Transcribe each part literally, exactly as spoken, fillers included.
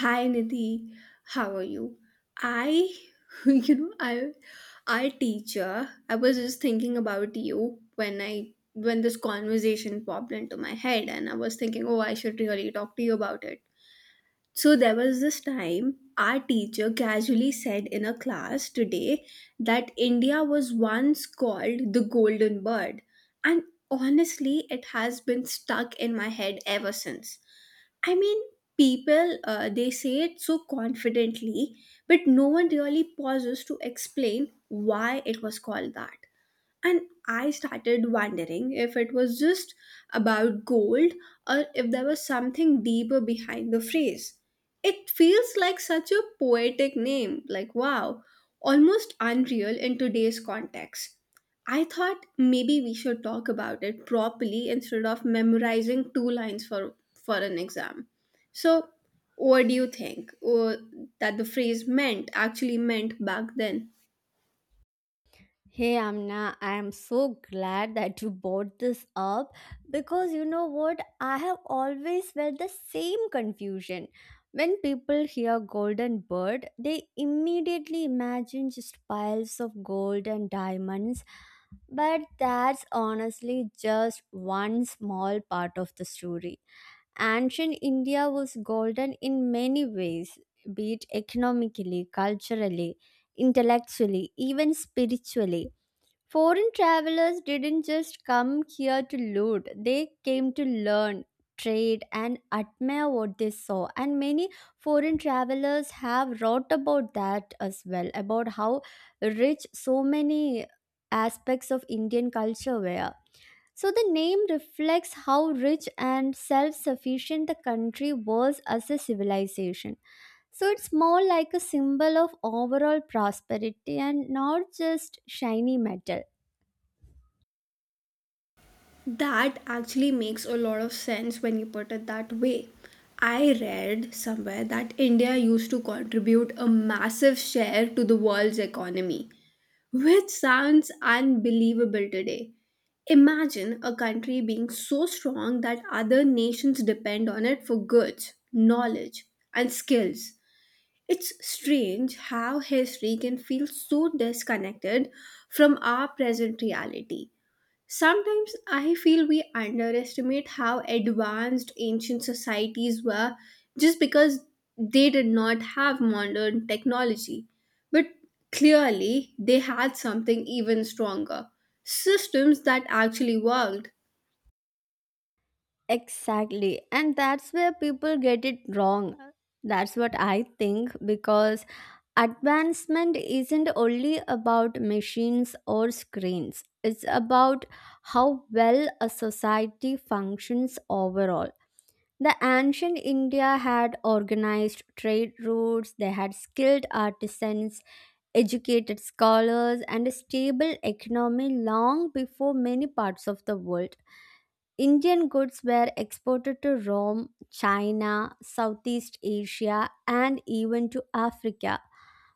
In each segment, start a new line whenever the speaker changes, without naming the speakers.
Hi Nidhi, how are you? I, you know, I, our teacher. I was just thinking about you when I when this conversation popped into my head, and I was thinking, oh, I should really talk to you about it. So there was this time our teacher casually said in a class today that India was once called the golden bird, and honestly, it has been stuck in my head ever since I mean, people uh, they say it so confidently, but no one really pauses to explain why it was called that. And I started wondering if it was just about gold or if there was something deeper behind the phrase. It feels like such a poetic name, like wow, almost unreal in today's context. I thought maybe we should talk about it properly instead of memorizing two lines for, for an exam. So, what do you think uh, that the phrase meant actually meant back then?
Hey Amna, I am so glad that you brought this up because you know what? I have always felt the same confusion. When people hear golden bird, they immediately imagine just piles of gold and diamonds, but that's honestly just one small part of the story. Ancient India was golden in many ways, be it economically, culturally, intellectually, even spiritually. Foreign travelers didn't just come here to loot, they came to learn, trade, and admire what they saw. And many foreign travelers have wrote about that as well, about how rich so many aspects of Indian culture were. So, the name reflects how rich and self sufficient the country was as a civilization. So, it's more like a symbol of overall prosperity and not just shiny metal.
That actually makes a lot of sense when you put it that way. I read somewhere that India used to contribute a massive share to the world's economy, which sounds unbelievable today. Imagine a country being so strong that other nations depend on it for goods, knowledge, and skills. It's strange how history can feel so disconnected from our present reality. Sometimes I feel we underestimate how advanced ancient societies were just because they did not have modern technology. But clearly, they had something even stronger systems that actually worked.
Exactly. And that's where people get it wrong. That's what I think because advancement isn't only about machines or screens, it's about how well a society functions overall. The ancient India had organized trade routes, they had skilled artisans, educated scholars, and a stable economy long before many parts of the world. Indian goods were exported to Rome, China, Southeast Asia, and even to Africa.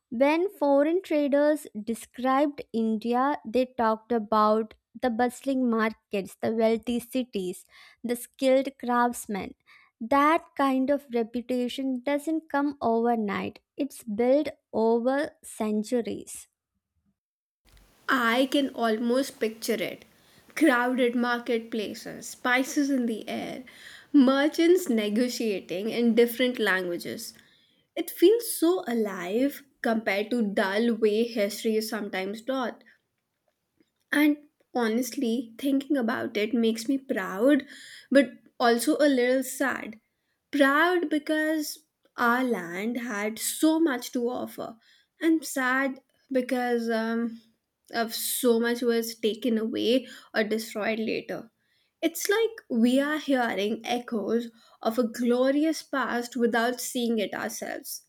When foreign traders described India, they talked about the bustling markets, the wealthy cities, the skilled craftsmen. That kind of reputation doesn't come overnight, it's built over centuries.
I can almost picture it. Crowded marketplaces, spices in the air, merchants negotiating in different languages. It feels so alive compared to dull way history is sometimes taught. And honestly, thinking about it makes me proud, but also a little sad. Proud because our land had so much to offer, and sad because um, of so much was taken away or destroyed later. It's like we are hearing echoes of a glorious past without seeing it ourselves.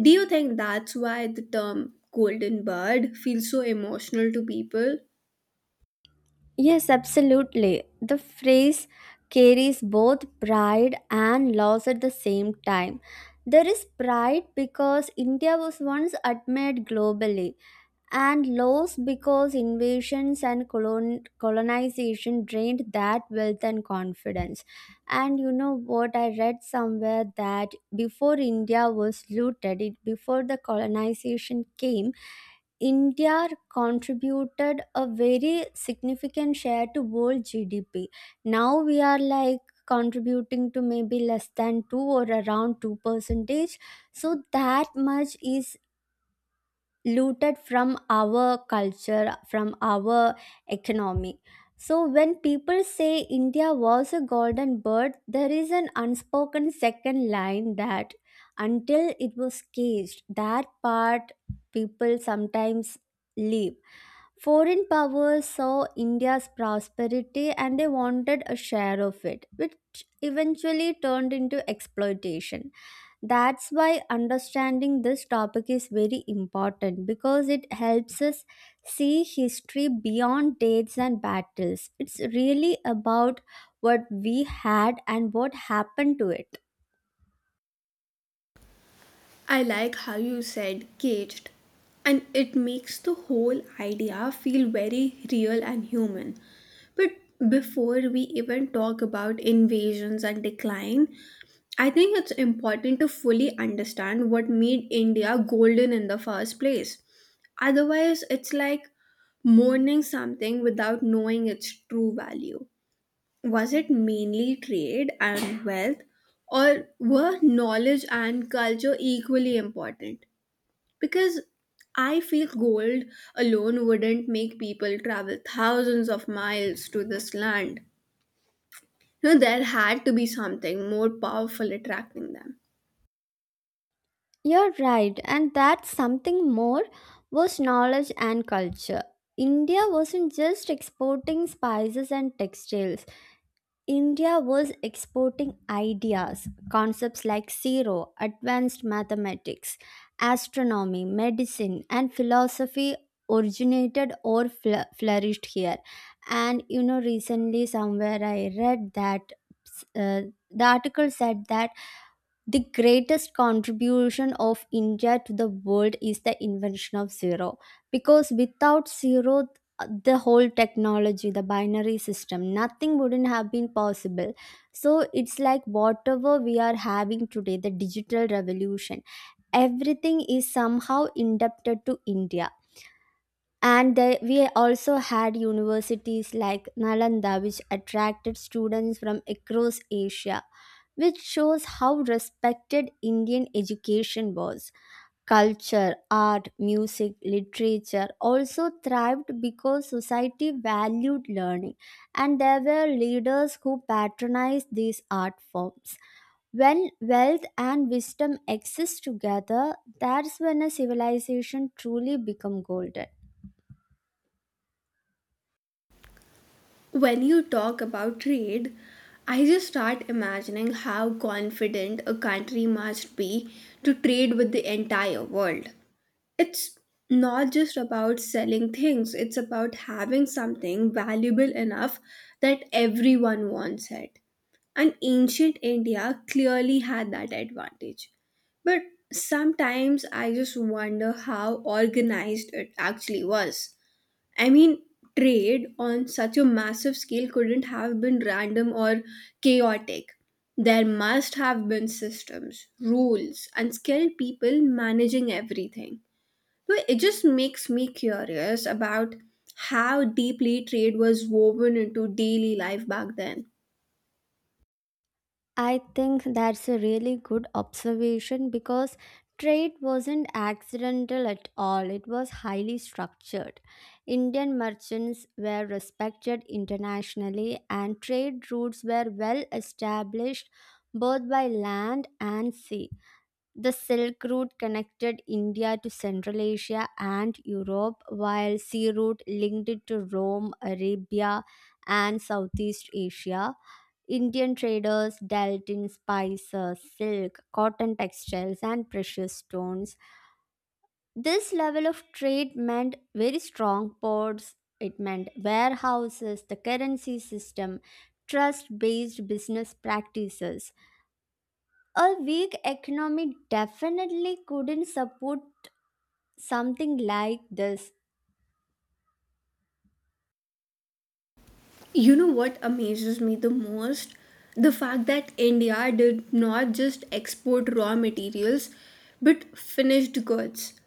Do you think that's why the term golden bird feels so emotional to people?
Yes, absolutely. The phrase carries both pride and loss at the same time. There is pride because India was once admired globally, and loss because invasions and colon- colonization drained that wealth and confidence. And you know what? I read somewhere that before India was looted, it, before the colonization came, India contributed a very significant share to world G D P. Now we are like contributing to maybe less than two or around two percentage. So that much is looted from our culture, from our economy. So, when people say India was a golden bird, there is an unspoken second line that until it was caged, that part people sometimes leave. Foreign powers saw India's prosperity and they wanted a share of it, which eventually turned into exploitation. That's why understanding this topic is very important because it helps us see history beyond dates and battles. It's really about what we had and what happened to it.
I like how you said caged, and it makes the whole idea feel very real and human. But before we even talk about invasions and decline, I think it's important to fully understand what made India golden in the first place. Otherwise, it's like mourning something without knowing its true value. Was it mainly trade and wealth, or were knowledge and culture equally important? Because I feel gold alone wouldn't make people travel thousands of miles to this land. You know, there had to be something more powerful attracting them.
You're right, and that's something more was knowledge and culture. India wasn't just exporting spices and textiles. India was exporting ideas, concepts like zero, advanced mathematics, astronomy, medicine, and philosophy originated or fl- flourished here. And you know, recently somewhere I read that uh, the article said that the greatest contribution of India to the world is the invention of zero, because without zero the whole technology, the binary system, nothing wouldn't have been possible. So it's like whatever we are having today, the digital revolution, everything is somehow indebted to India. And there, we also had universities like Nalanda, which attracted students from across Asia, which shows how respected Indian education was. Culture, art, music, literature also thrived because society valued learning, and there were leaders who patronized these art forms. When wealth and wisdom exist together, that's when a civilization truly becomes golden.
When you talk about trade, I just start imagining how confident a country must be to trade with the entire world. It's not just about selling things, it's about having something valuable enough that everyone wants it, and ancient India clearly had that advantage, but sometimes I just wonder how organized it actually was. I mean, trade on such a massive scale couldn't have been random or chaotic. There must have been systems, rules, and skilled people managing everything, so it just makes me curious about how deeply trade was woven into daily life back then.
I think that's a really good observation because trade wasn't accidental at all. It was highly structured. Indian merchants were respected internationally, and trade routes were well established both by land and sea. The Silk Route connected India to Central Asia and Europe, while Sea Route linked it to Rome, Arabia, and Southeast Asia. Indian traders dealt in spices, silk, cotton textiles, and precious stones. This level of trade meant very strong ports, it meant warehouses, the currency system, trust based business practices. A weak economy definitely couldn't support something like this.
You know what amazes me the most? The fact that India did not just export raw materials but finished goods.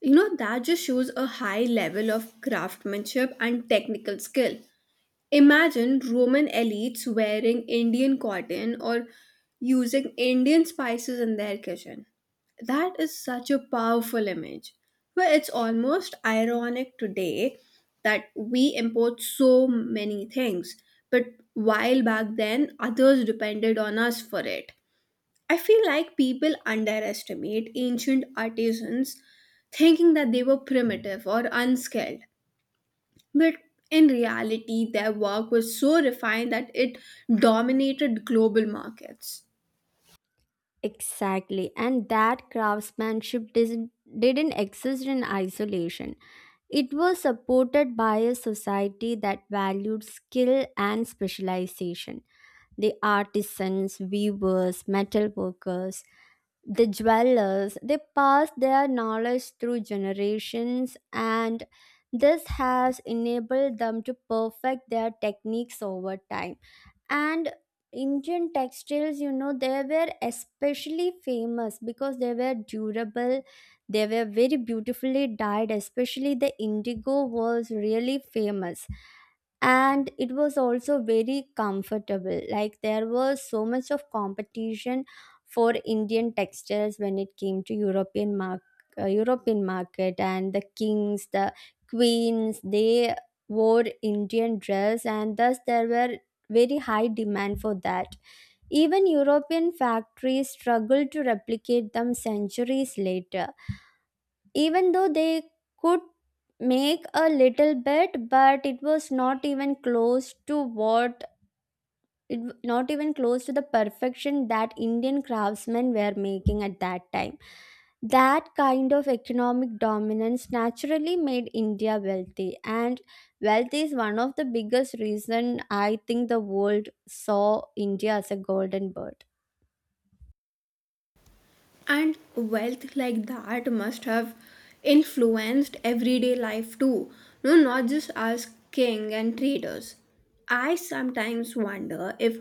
You know, that just shows a high level of craftsmanship and technical skill. Imagine Roman elites wearing Indian cotton or using Indian spices in their kitchen. That is such a powerful image. Where it's almost ironic today that we import so many things, but while back then others depended on us for it. I feel like people underestimate ancient artisans thinking that they were primitive or unskilled. But in reality, their work was so refined that it dominated global markets.
Exactly, and that craftsmanship didn't, didn't exist in isolation. It was supported by a society that valued skill and specialization. The artisans, weavers, metal workers, the jewelers, they passed their knowledge through generations, and this has enabled them to perfect their techniques over time. And Indian textiles, you know, they were especially famous because they were durable, they were very beautifully dyed, especially the indigo was really famous, and it was also very comfortable. Like there was so much of competition for Indian textiles when it came to european mark uh, European market, and the kings, the queens, they wore Indian dress, and thus there were very high demand for that. Even European factories struggled to replicate them centuries later, even though they could make a little bit, but it was not even close to what it, w- not even close to the perfection that Indian craftsmen were making at that time. That kind of economic dominance naturally made India wealthy, and wealth is one of the biggest reason, I think, the world saw India as a golden bird.
And wealth like that must have influenced everyday life too, no, not just us king and traders. I sometimes wonder if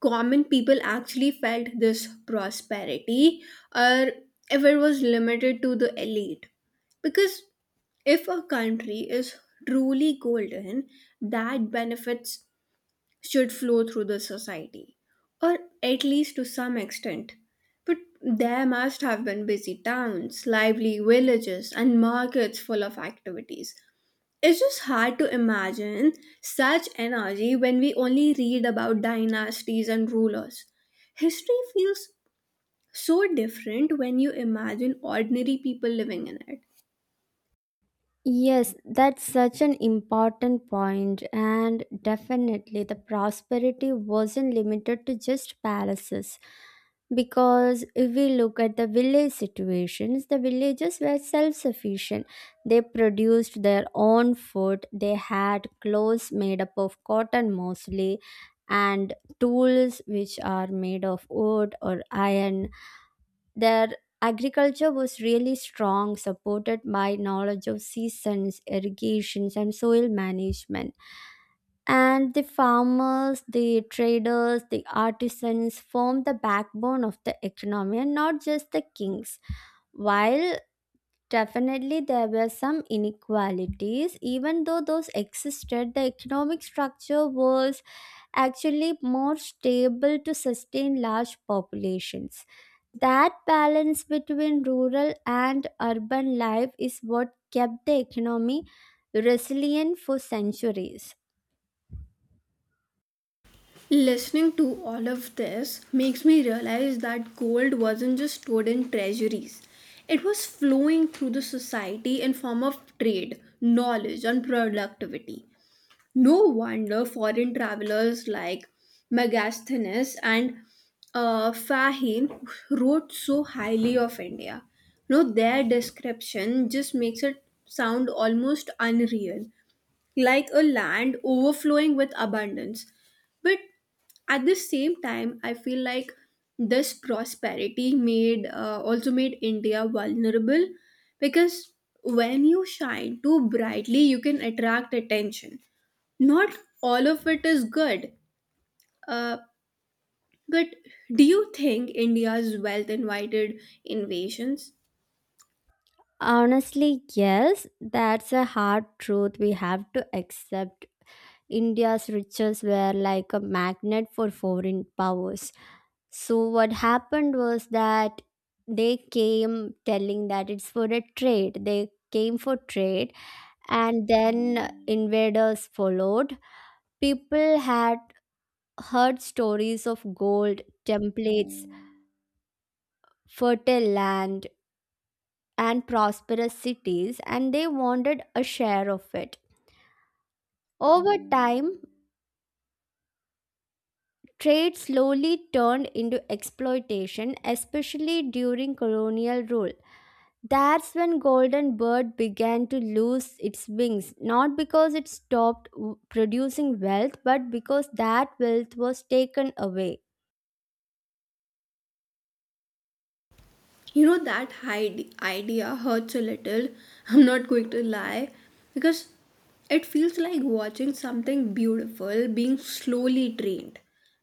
common people actually felt this prosperity or if it was limited to the elite. Because if a country is truly golden, that benefits should flow through the society, or at least to some extent. But there must have been busy towns, lively villages, and markets full of activities. It's just hard to imagine such energy when we only read about dynasties and rulers. History feels so different when you imagine ordinary people living in it.
Yes, that's such an important point, and definitely the prosperity wasn't limited to just palaces. Because if we look at the village situations, the villages were self sufficient. They produced their own food, they had clothes made up of cotton mostly, and tools which are made of wood or iron. Their agriculture was really strong, supported by knowledge of seasons, irrigations, and soil management. And the farmers, the traders, the artisans formed the backbone of the economy, and not just the kings. While definitely there were some inequalities, even though those existed, the economic structure was actually more stable to sustain large populations. That balance between rural and urban life is what kept the economy resilient for centuries.
Listening to all of this makes me realize that gold wasn't just stored in treasuries. It was flowing through the society in form of trade, knowledge, and productivity. No wonder foreign travelers like Megasthenes and uh, Fahim wrote so highly of India. No, their description just makes it sound almost unreal like a land overflowing with abundance. But at the same time, I feel like this prosperity made uh, also made India vulnerable because when you shine too brightly, you can attract attention. Not all of it is good. Uh, but do you think India's wealth invited invasions?
Honestly, yes, that's a hard truth we have to accept. India's riches were like a magnet for foreign powers. So, what happened was that they came telling that it's for a trade. They came for trade, and then invaders followed. People had heard stories of gold, templates, fertile land, and prosperous cities, and they wanted a share of it. Over time, trade slowly turned into exploitation, especially during colonial rule. That's when golden bird began to lose its wings, not because it stopped w- producing wealth, but because that wealth was taken away.
You know, that hide- idea hurts a little, I'm not going to lie, because it feels like watching something beautiful being slowly drained.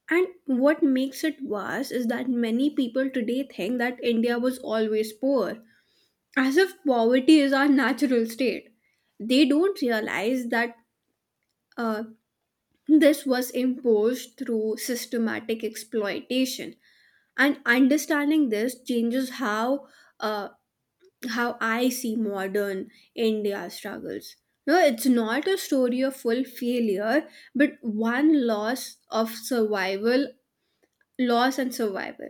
And what makes it worse is that many people today think that India was always poor, as if poverty is our natural state. They don't realize that uh, this was imposed through systematic exploitation. And understanding this changes how uh, how I see modern India struggles. No, it's not a story of full failure, but one loss of survival, loss and survival.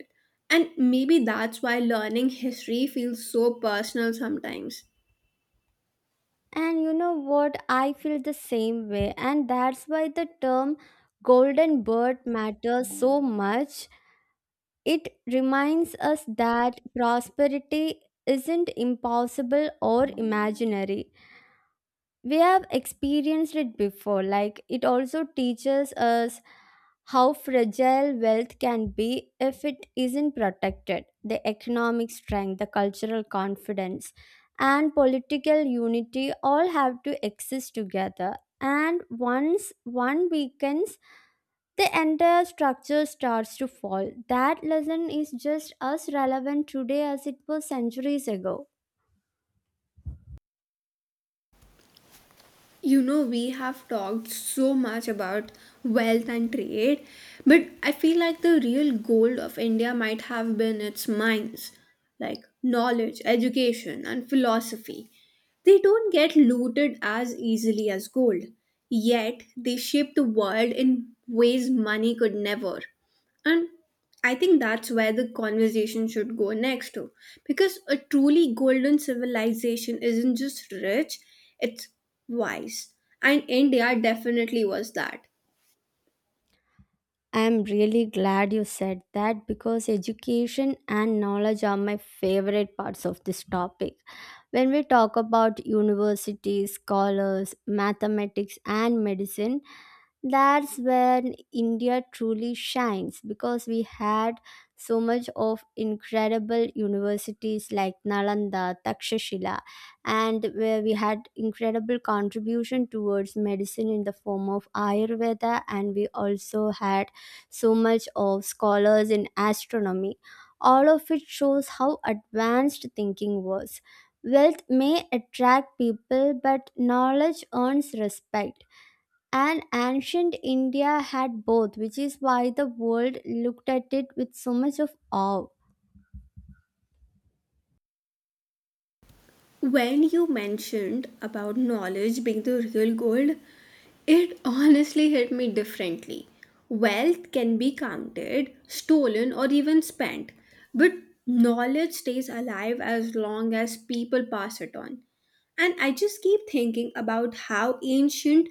And maybe that's why learning history feels so personal sometimes.
And you know what? I feel the same way. And that's why the term golden bird matters so much. It reminds us that prosperity isn't impossible or imaginary, we have experienced it before. Like, it also teaches us how fragile wealth can be if it isn't protected. The economic strength, the cultural confidence, and political unity all have to exist together, and once one weakens, the entire structure starts to fall. That lesson is just as relevant today as it was centuries ago.
You know, we have talked so much about wealth and trade, but I feel like the real gold of India might have been its mines, like knowledge, education, and philosophy. They don't get looted as easily as gold, yet, they shape the world in ways money could never. And I think that's where the conversation should go next to. Because a truly golden civilization isn't just rich, it's wise. And India definitely was that.
I'm really glad you said that because education and knowledge are my favorite parts of this topic. When we talk about universities, scholars, mathematics, and medicine, that's when India truly shines, because we had so much of incredible universities like Nalanda, Takshashila, and where we had incredible contribution towards medicine in the form of Ayurveda, and we also had so much of scholars in astronomy. All of it shows how advanced thinking was. Wealth may attract people, but knowledge earns respect, and ancient India had both, which is why the world looked at it with so much of awe.
When you mentioned about knowledge being the real gold, it honestly hit me differently. Wealth can be counted, stolen, or even spent, but knowledge stays alive as long as people pass it on. And I just keep thinking about how ancient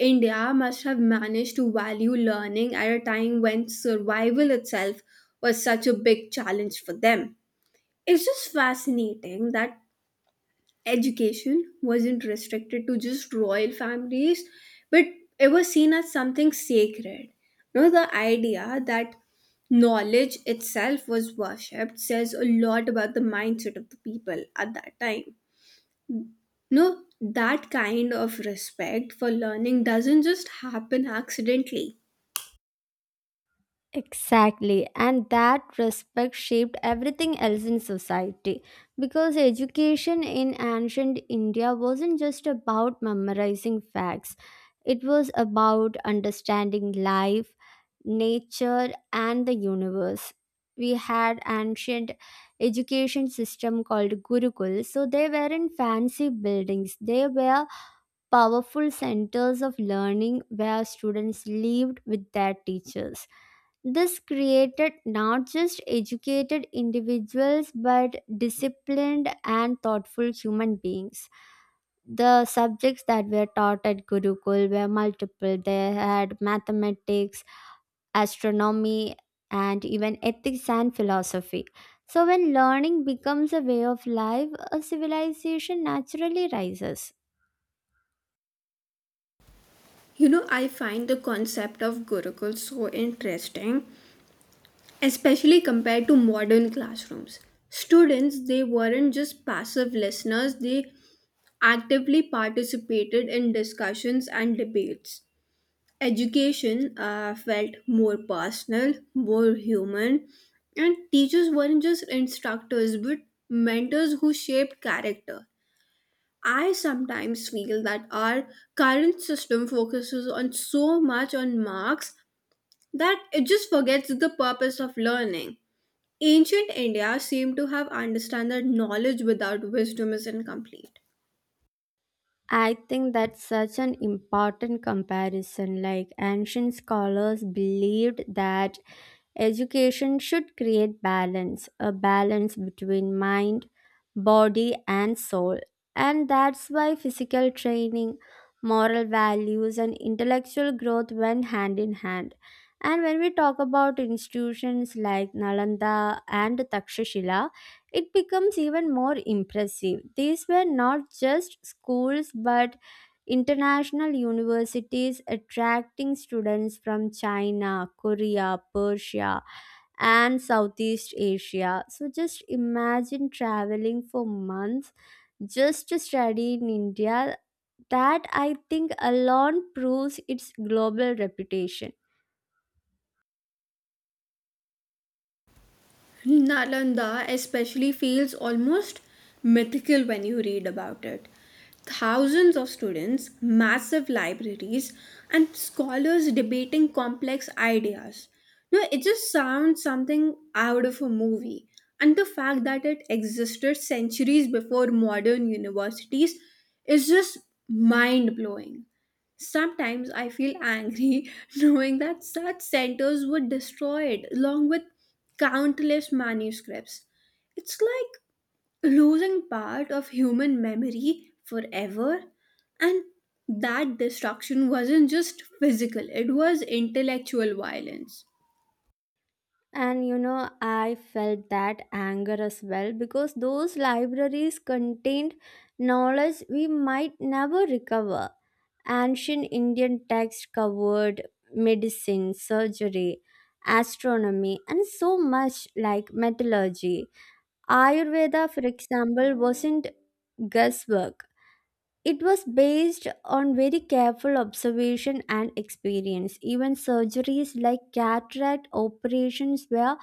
India must have managed to value learning at a time when survival itself was such a big challenge for them. It's just fascinating that education wasn't restricted to just royal families, but it was seen as something sacred. You know, the idea that knowledge itself was worshipped says a lot about the mindset of the people at that time. No, that kind of respect for learning doesn't just happen accidentally.
Exactly, and that respect shaped everything else in society, because education in ancient India wasn't just about memorizing facts, it was about understanding life, nature, and the universe. We had ancient education system called Gurukul, so they weren't fancy buildings, they were powerful centers of learning where students lived with their teachers. This created not just educated individuals but disciplined and thoughtful human beings. The subjects that were taught at Gurukul were multiple. They had mathematics, astronomy, and even ethics and philosophy. So, when learning becomes a way of life, a civilization naturally rises.
You know, I find the concept of Gurukul so interesting, especially compared to modern classrooms. Students, they weren't just passive listeners, they actively participated in discussions and debates. Education uh, felt more personal, more human, and teachers weren't just instructors but mentors who shaped character. I sometimes feel that our current system focuses on so much on marks that it just forgets the purpose of learning. Ancient India seemed to have understood that knowledge without wisdom is incomplete.
I think that's such an important comparison. Like, ancient scholars believed that education should create balance, a balance between mind, body, and soul. And that's why physical training, moral values, and intellectual growth went hand in hand. And when we talk about institutions like Nalanda and Takshashila, it becomes even more impressive. These were not just schools but international universities attracting students from China, Korea, Persia, and Southeast Asia. So just imagine traveling for months just to study in India. That, I think, alone proves its global reputation.
Nalanda especially feels almost mythical when you read about it. Thousands of students, massive libraries, and scholars debating complex ideas. You know, it just sounds something out of a movie. And the fact that it existed centuries before modern universities is just mind blowing. Sometimes I feel angry knowing that such centers were destroyed along with countless manuscripts. It's like losing part of human memory forever. And that destruction wasn't just physical, it was intellectual violence.
And you know, I felt that anger as well because those libraries contained knowledge we might never recover. Ancient Indian texts covered medicine, surgery, astronomy, and so much like metallurgy. Ayurveda, for example, wasn't guesswork. It was based on very careful observation and experience. Even surgeries like cataract operations were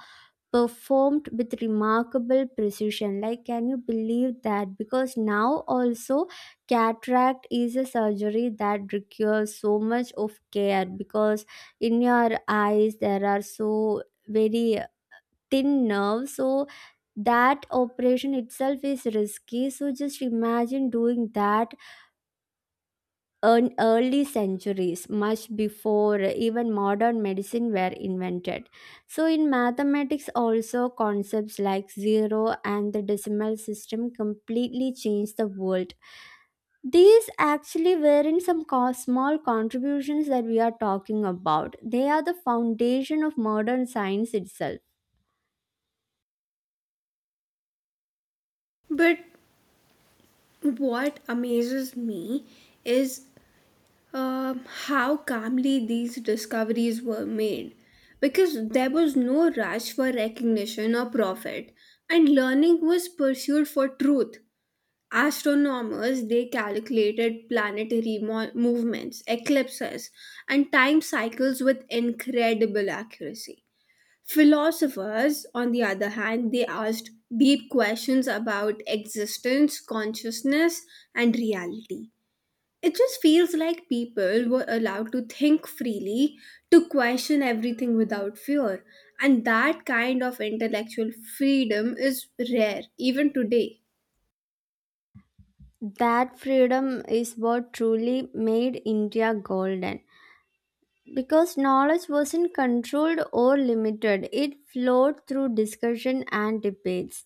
performed with remarkable precision. Like, can you believe that? Because now also cataract is a surgery that requires so much of care, because in your eyes there are so very thin nerves. So that operation itself is risky. So just imagine doing that earn early centuries, much before even modern medicine were invented. So, in mathematics, also concepts like zero and the decimal system completely changed the world. These actually were in some co- small contributions that we are talking about. They are the foundation of modern science itself.
But what amazes me is um, how calmly these discoveries were made, because there was no rush for recognition or profit, and learning was pursued for truth. Astronomers, they calculated planetary mo- movements, eclipses, and time cycles with incredible accuracy. Philosophers, on the other hand, they asked deep questions about existence, consciousness, and reality. It just feels like people were allowed to think freely, to question everything without fear. And that kind of intellectual freedom is rare, even today.
That freedom is what truly made India golden. Because knowledge wasn't controlled or limited, it flowed through discussion and debates.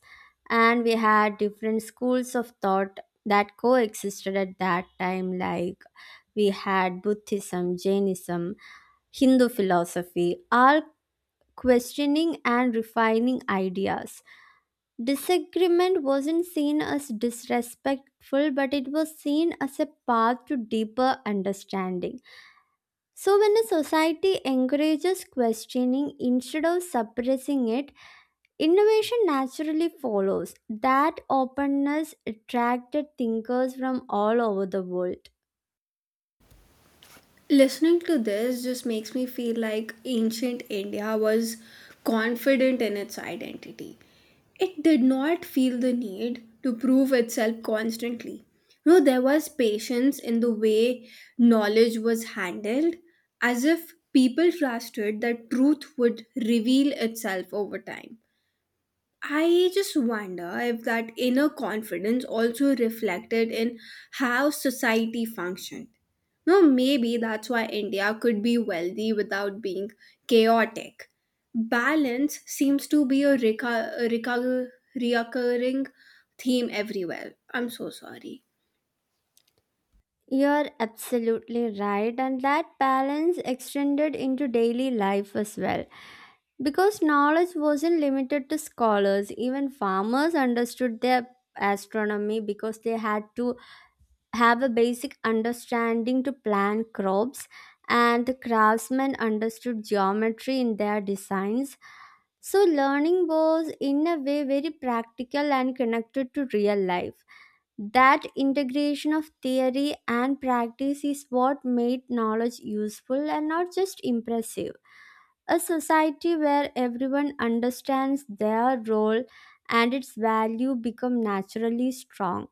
And we had different schools of thought that coexisted at that time, like we had Buddhism, Jainism, Hindu philosophy, all questioning and refining ideas. Disagreement wasn't seen as disrespectful, but it was seen as a path to deeper understanding. So, when a society encourages questioning instead of suppressing it, innovation naturally follows. That openness attracted thinkers from all over the world.
Listening to this just makes me feel like ancient India was confident in its identity. It did not feel the need to prove itself constantly. No, there was patience in the way knowledge was handled, as if people trusted that truth would reveal itself over time. I just wonder if that inner confidence also reflected in how society functioned. No, maybe that's why India could be wealthy without being chaotic. Balance seems to be a reca- a reca- recurring theme everywhere. I'm so sorry.
You're absolutely right, and that balance extended into daily life as well. Because knowledge wasn't limited to scholars, even farmers understood their astronomy, because they had to have a basic understanding to plan crops, and the craftsmen understood geometry in their designs. So learning was in a way very practical and connected to real life. That integration of theory and practice is what made knowledge useful and not just impressive. A society where everyone understands their role and its value become naturally strong.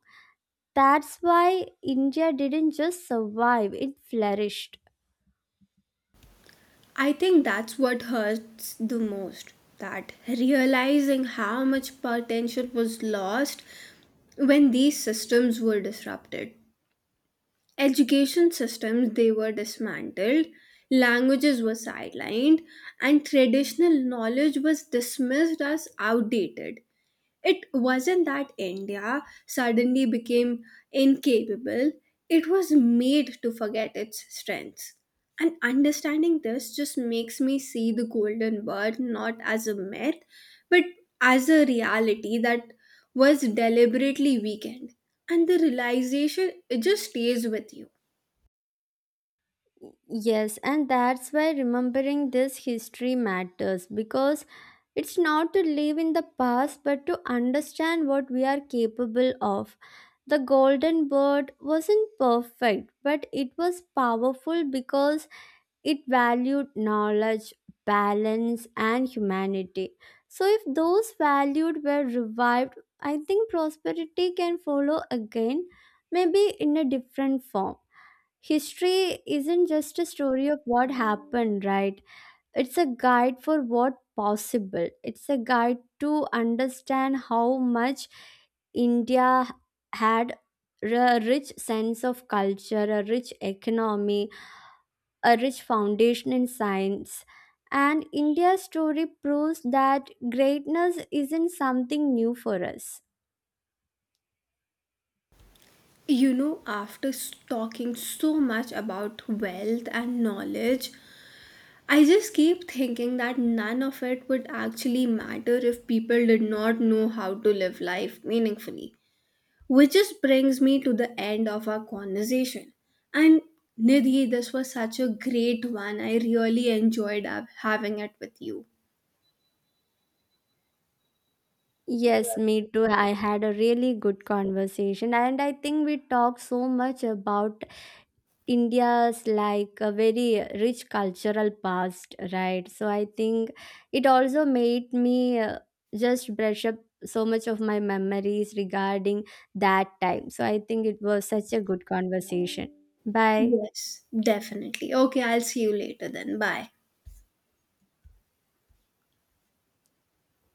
That's why India didn't just survive, it flourished.
I think that's what hurts the most. That realizing how much potential was lost when these systems were disrupted. Education systems they were dismantled, languages were sidelined, and traditional knowledge was dismissed as outdated. It wasn't that India suddenly became incapable, it was made to forget its strengths. And understanding this just makes me see the golden bird not as a myth, but as a reality that was deliberately weakened. And the realization, it just stays with you.
Yes, and that's why remembering this history matters, because it's not to live in the past but to understand what we are capable of. The golden bird wasn't perfect, but it was powerful because it valued knowledge, balance, and humanity. So, if those values were revived, I think prosperity can follow again, maybe in a different form. History isn't just a story of what happened, right? It's a guide for what possible. It's a guide to understand how much India had a rich sense of culture, a rich economy, a rich foundation in science. And India's story proves that greatness isn't something new for us.
You know, after s- talking so much about wealth and knowledge, I just keep thinking that none of it would actually matter if people did not know how to live life meaningfully. Which just brings me to the end of our conversation. And Nidhi, this was such a great one. I really enjoyed hav- having it with you.
Yes, me too. I had a really good conversation, and I think we talked so much about India's like a very rich cultural past, right? So I think it also made me uh, just brush up so much of my memories regarding that time. So I think it was such a good conversation. Bye.
Yes, definitely. Okay, I'll see you later then. Bye.